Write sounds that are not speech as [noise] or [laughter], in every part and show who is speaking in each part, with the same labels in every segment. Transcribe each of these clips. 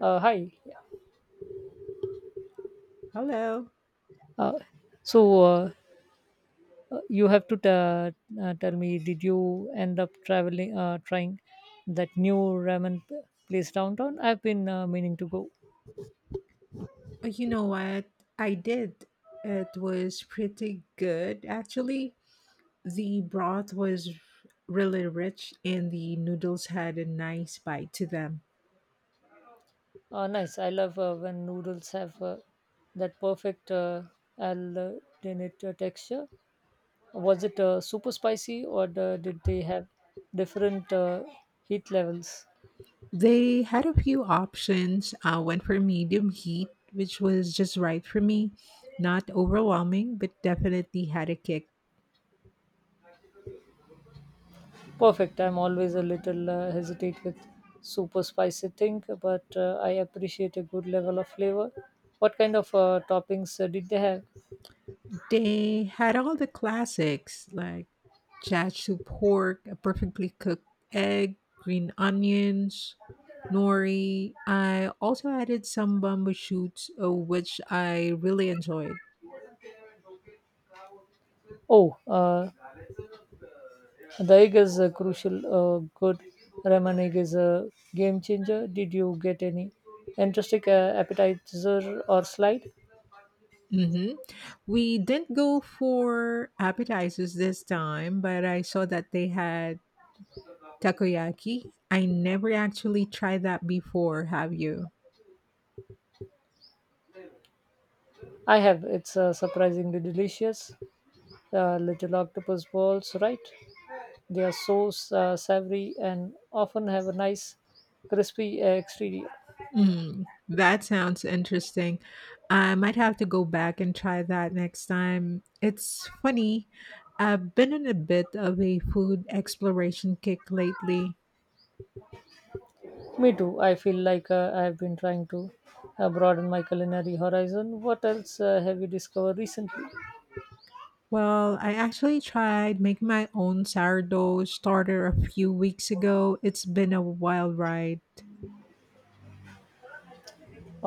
Speaker 1: Hi.
Speaker 2: Hello.
Speaker 1: Uh, so uh, you have to ta tell me, did you end up traveling, trying that new ramen p- place downtown? I've been meaning to go.
Speaker 2: You know what? I did. It was pretty good, actually. The broth was really rich, and the noodles had a nice bite to them.
Speaker 1: Nice. I love when noodles have that perfect al dente texture. Was it super spicy, or did they have different heat levels?
Speaker 2: They had a few options. Went for medium heat, which was just right for me. Not overwhelming, but definitely had a kick.
Speaker 1: Perfect. I'm always a little hesitate with super spicy thing, but I appreciate a good level of flavor. What kind of toppings did they have?
Speaker 2: They had all the classics like chachu pork, a perfectly cooked egg, green onions, nori. I also added some bamboo shoots, which I really enjoyed.
Speaker 1: Oh, the egg is a crucial. Good ramen egg is a game changer. Did you get any interesting appetizer or slide?
Speaker 2: Hmm. We didn't go for appetizers this time, but I saw that they had Takoyaki? I never actually tried that before, have you?
Speaker 1: I have. It's surprisingly delicious. Little octopus balls, right? They are so savory and often have a nice crispy exterior.
Speaker 2: Mm, that sounds interesting. I might have to go back and try that next time. It's funny, I've been in a bit of a food exploration kick lately.
Speaker 1: Me too. I feel like I've been trying to broaden my culinary horizon. What else have you discovered recently?
Speaker 2: Well, I actually tried making my own sourdough starter a few weeks ago. It's been a wild ride.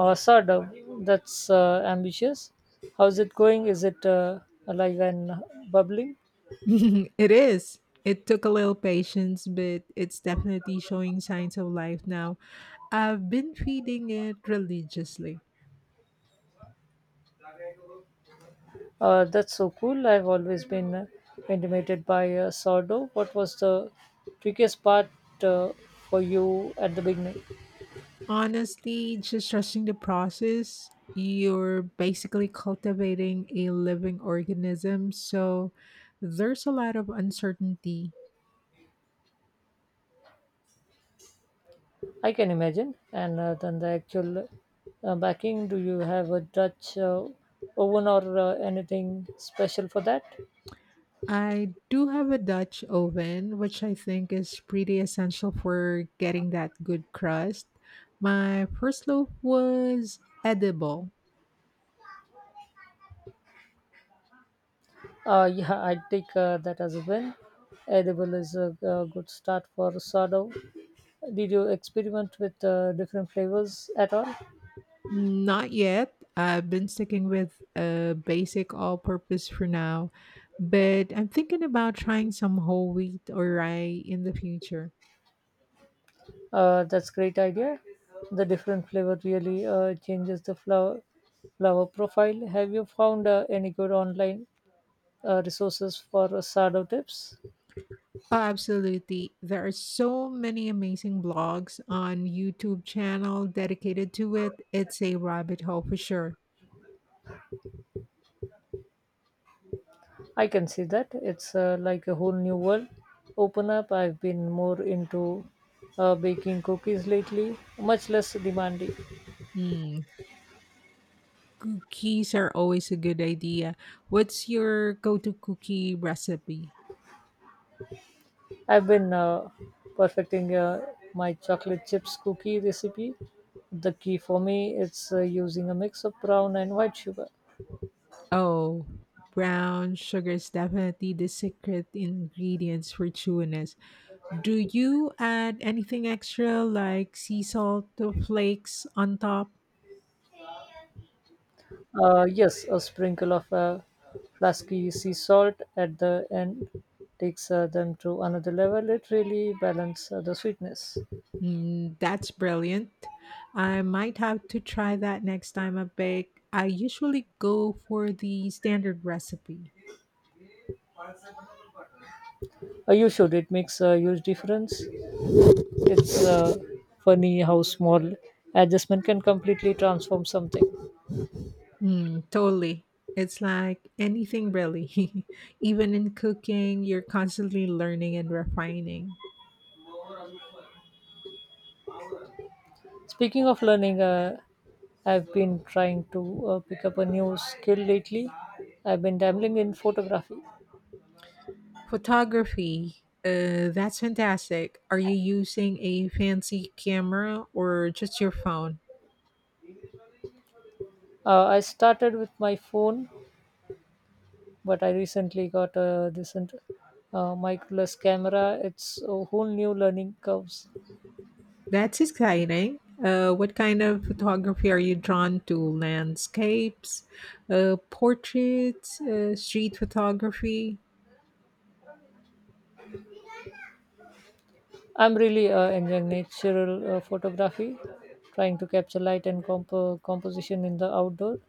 Speaker 1: Sardo. That's ambitious. How's it going? Is it alive and bubbling?
Speaker 2: [laughs] It is. It took a little patience, but it's definitely showing signs of life now. I've been feeding it religiously.
Speaker 1: That's so cool. I've always been intimidated by sourdough. What was the trickiest part uh, for you at the beginning?
Speaker 2: Honestly, just trusting the process, you're basically cultivating a living organism. So there's a lot of uncertainty.
Speaker 1: I can imagine. And then the actual backing, do you have a Dutch oven or anything special for that?
Speaker 2: I do have a Dutch oven, which I think is pretty essential for getting that good crust. My first loaf was edible.
Speaker 1: [laughs] Yeah, I take that as a win. Edible is a good start for sourdough. Did you experiment with different flavors at all?
Speaker 2: Not yet. I've been sticking with a basic all purpose for now, but I'm thinking about trying some whole wheat or rye in the future.
Speaker 1: That's great idea. The different flavor really changes the flower profile. Have you found any good online resources for sourdough tips?
Speaker 2: Oh, absolutely. There are so many amazing blogs on YouTube channel dedicated to it. It's a rabbit hole for sure.
Speaker 1: I can see that. It's like a whole new world. Open up. I've been more into baking cookies lately, much less demanding.
Speaker 2: Hmm, cookies are always a good idea. What's your go-to cookie recipe?
Speaker 1: I've been perfecting my chocolate chips cookie recipe. The key for me is using a mix of brown and white sugar.
Speaker 2: Oh, brown sugar is definitely the secret ingredients for chewiness. Do you add anything extra like sea salt or flakes on top?
Speaker 1: Yes, a sprinkle of flasky sea salt at the end takes them to another level. It really balances the sweetness.
Speaker 2: Mm, that's brilliant. I might have to try that next time I bake. I usually go for the standard recipe.
Speaker 1: You should. It makes a huge difference. It's funny how small adjustment can completely transform something.
Speaker 2: Mm, totally. It's like anything really. [laughs] Even in cooking, you're constantly learning and refining.
Speaker 1: Speaking of learning, I've been trying to pick up a new skill lately. I've been dabbling in photography.
Speaker 2: Photography. That's fantastic. Are you using a fancy camera or just your phone?
Speaker 1: I started with my phone, but I recently got this microless camera. It's a whole new learning curves.
Speaker 2: That's exciting. What kind of photography are you drawn to? Landscapes, portraits, street photography?
Speaker 1: I'm really enjoying natural photography, trying to capture light and composition in the outdoor.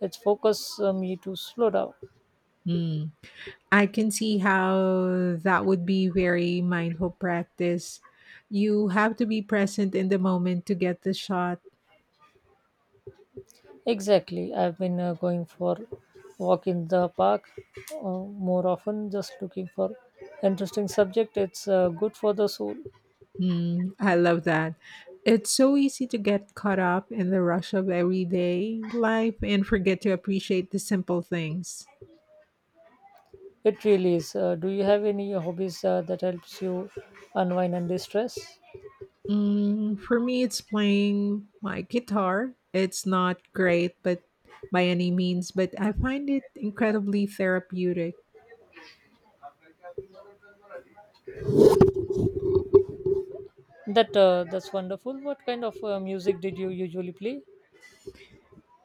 Speaker 1: It's focused me to slow down.
Speaker 2: Hmm. I can see how that would be very mindful practice. You have to be present in the moment to get the shot.
Speaker 1: Exactly. I've been going for walk in the park more often, just looking for interesting subject. It's good for the soul.
Speaker 2: Mm, I love that. It's so easy to get caught up in the rush of everyday life and forget to appreciate the simple things.
Speaker 1: It really is. Do you have any hobbies that helps you unwind and distress?
Speaker 2: Mm, for me, it's playing my guitar. It's not great, but by any means, but I find it incredibly therapeutic.
Speaker 1: That's wonderful. What kind of music did you usually play?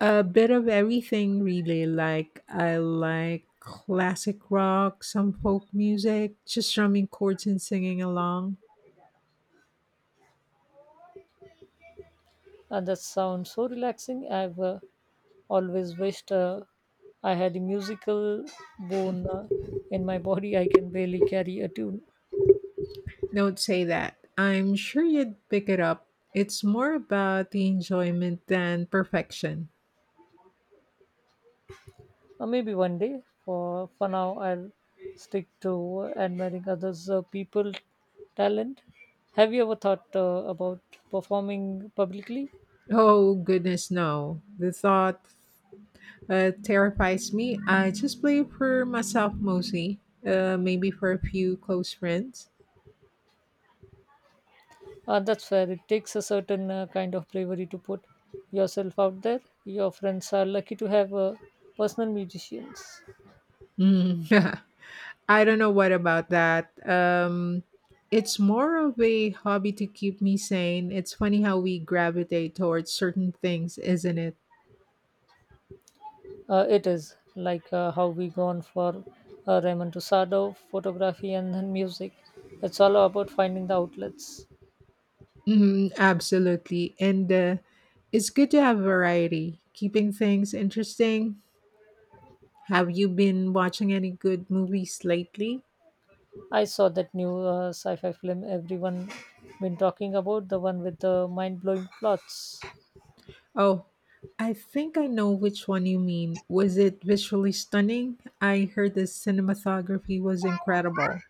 Speaker 2: A bit of everything, really. Like, I like classic rock, some folk music, just strumming chords and singing along.
Speaker 1: And that sounds so relaxing. I've always wished I had a musical bone in my body. I can barely carry a tune.
Speaker 2: Don't say that. I'm sure you'd pick it up. It's more about the enjoyment than perfection.
Speaker 1: Maybe one day. For now, I'll stick to admiring others' people talent. Have you ever thought about performing publicly?
Speaker 2: Oh, goodness, no. The thought terrifies me. I just play for myself mostly, maybe for a few close friends.
Speaker 1: That's fair. It takes a certain kind of bravery to put yourself out there. Your friends are lucky to have personal musicians.
Speaker 2: Mm. [laughs] I don't know what about that. It's more of a hobby to keep me sane. It's funny how we gravitate towards certain things, isn't it?
Speaker 1: It is like how we gone for Raymond Tusado, photography, and then music. It's all about finding the outlets.
Speaker 2: Mhm, absolutely. And it's good to have variety, keeping things interesting. Have you been watching any good movies lately?
Speaker 1: I saw that new sci-fi film everyone been talking about, the one with the mind-blowing plots.
Speaker 2: Oh, I think I know which one you mean. Was it visually stunning? I heard the cinematography was incredible.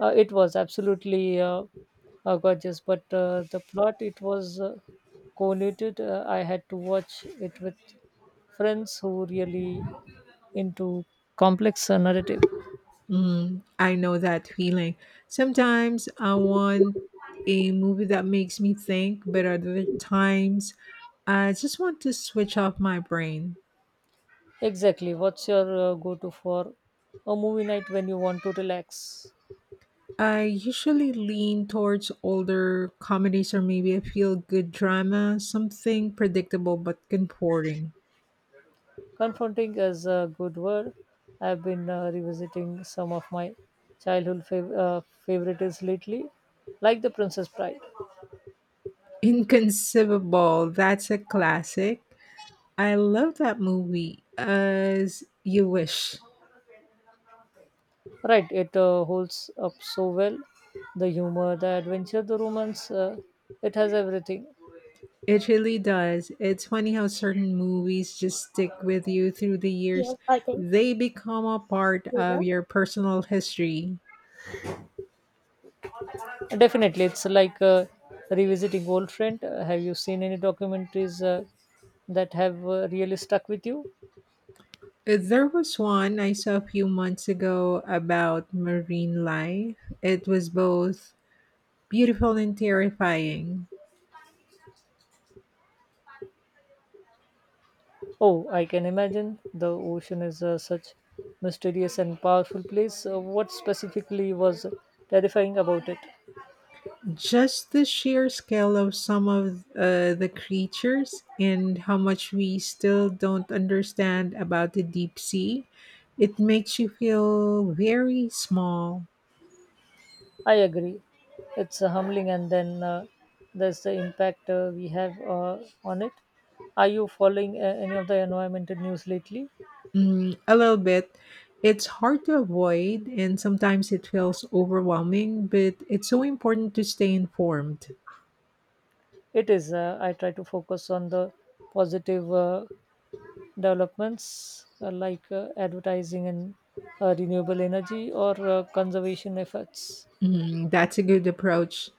Speaker 1: It was absolutely gorgeous, but the plot it was convoluted. I had to watch it with friends who really into complex narrative.
Speaker 2: Mm, I know that feeling. Sometimes I want a movie that makes me think, but other times I just want to switch off my brain.
Speaker 1: Exactly. What's your go to for a movie night when you want to relax?
Speaker 2: I usually lean towards older comedies or maybe a feel good drama, something predictable but comforting.
Speaker 1: Confronting is a good word. I've been revisiting some of my childhood favorites lately, like The Princess Bride.
Speaker 2: [laughs] Inconceivable, that's a classic. I love that movie, As You Wish.
Speaker 1: Right, it holds up so well. The humor, the adventure, the romance, it has everything.
Speaker 2: It really does. It's funny how certain movies just stick with you through the years,
Speaker 1: Yeah, I think,
Speaker 2: they become a part
Speaker 1: you
Speaker 2: of
Speaker 1: know.
Speaker 2: your personal history.
Speaker 1: Definitely, it's like revisiting old friend. Have you seen any documentaries that have really stuck with you?
Speaker 2: There was one I saw a few months ago about marine life. It was both beautiful and terrifying.
Speaker 1: Oh, I can imagine. The ocean is such mysterious and powerful place. What specifically was terrifying about it?
Speaker 2: Just the sheer scale of some of the creatures and how much we still don't understand about the deep sea, it makes you feel very small.
Speaker 1: I agree. It's humbling, and then there's the impact we have on it. Are you following any of the environmental news lately?
Speaker 2: Mm, a little bit. It's hard to avoid, and sometimes it feels overwhelming, but it's so important to stay informed.
Speaker 1: It is. I try to focus on the positive developments like advertising in renewable energy or conservation efforts.
Speaker 2: Mm, that's a good approach.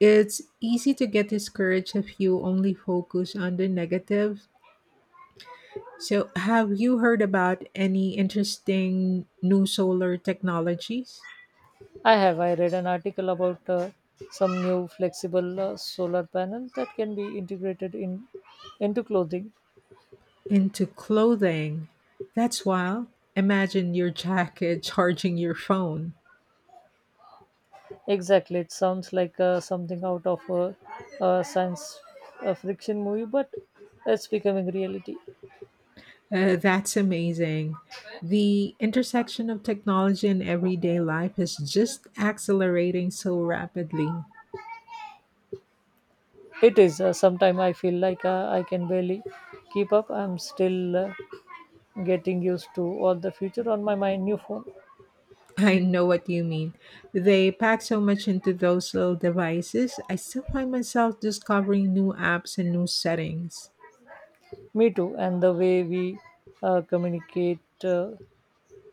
Speaker 2: It's easy to get discouraged if you only focus on the negative. So, have you heard about any interesting new solar technologies
Speaker 1: I have. I read an article about some new flexible solar panels that can be integrated in into clothing.
Speaker 2: into clothing? That's wild. Imagine your jacket [laughs] charging your phone.
Speaker 1: Exactly. It sounds like something out of a science friction movie, but it's becoming reality.
Speaker 2: That's amazing. The intersection of technology and everyday life is just accelerating so rapidly.
Speaker 1: It is. Sometimes I feel like I can barely keep up. I'm still getting used to all the future on my new phone.
Speaker 2: [laughs] I know what you mean. They pack so much into those little devices. I still find myself discovering new apps and new settings.
Speaker 1: Me too. And the way we communicate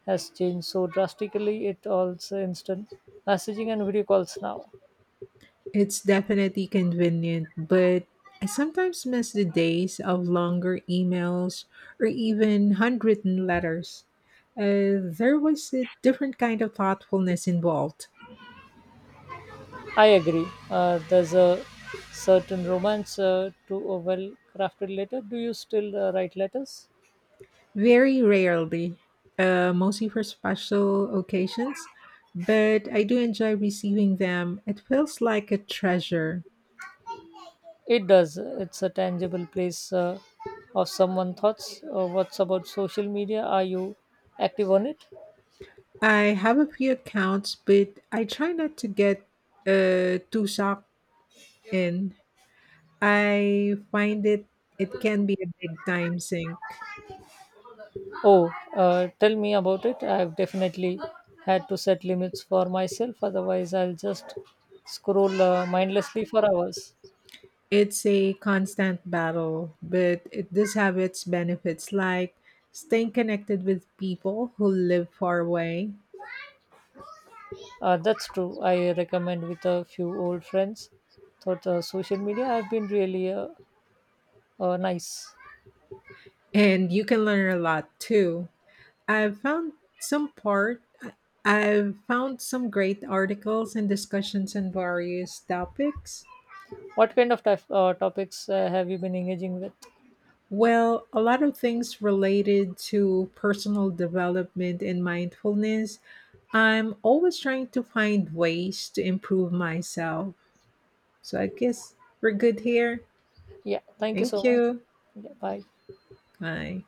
Speaker 1: has changed so drastically. It also instant messaging and video calls now.
Speaker 2: It's definitely convenient, but I sometimes miss the days of longer emails or even handwritten letters. There was a different kind of thoughtfulness involved.
Speaker 1: I agree. There's a certain romance to a well crafted letter. Do you still write letters?
Speaker 2: Very rarely, mostly for special occasions, but I do enjoy receiving them. It feels like a treasure.
Speaker 1: It does. It's a tangible place of someone's thoughts. What's about social media? Are you active on it?
Speaker 2: I have a few accounts, but I try not to get too sucked in. I find it can be a big time sink.
Speaker 1: Oh, tell me about it. I've definitely had to set limits for myself, otherwise, I'll just scroll mindlessly for hours.
Speaker 2: It's a constant battle, but it does have its benefits, like staying connected with people who live far away,
Speaker 1: That's true. I recommend with a few old friends. Thought social media have been really nice.
Speaker 2: and you can learn a lot too. I've found some part. I've found some great articles and discussions on various topics.
Speaker 1: What kind of topics have you been engaging with?
Speaker 2: Well, a lot of things related to personal development and mindfulness. I'm always trying to find ways to improve myself. So I guess we're good here.
Speaker 1: Yeah, thank you
Speaker 2: Thank
Speaker 1: so much.
Speaker 2: you.
Speaker 1: Yeah, bye.
Speaker 2: Bye.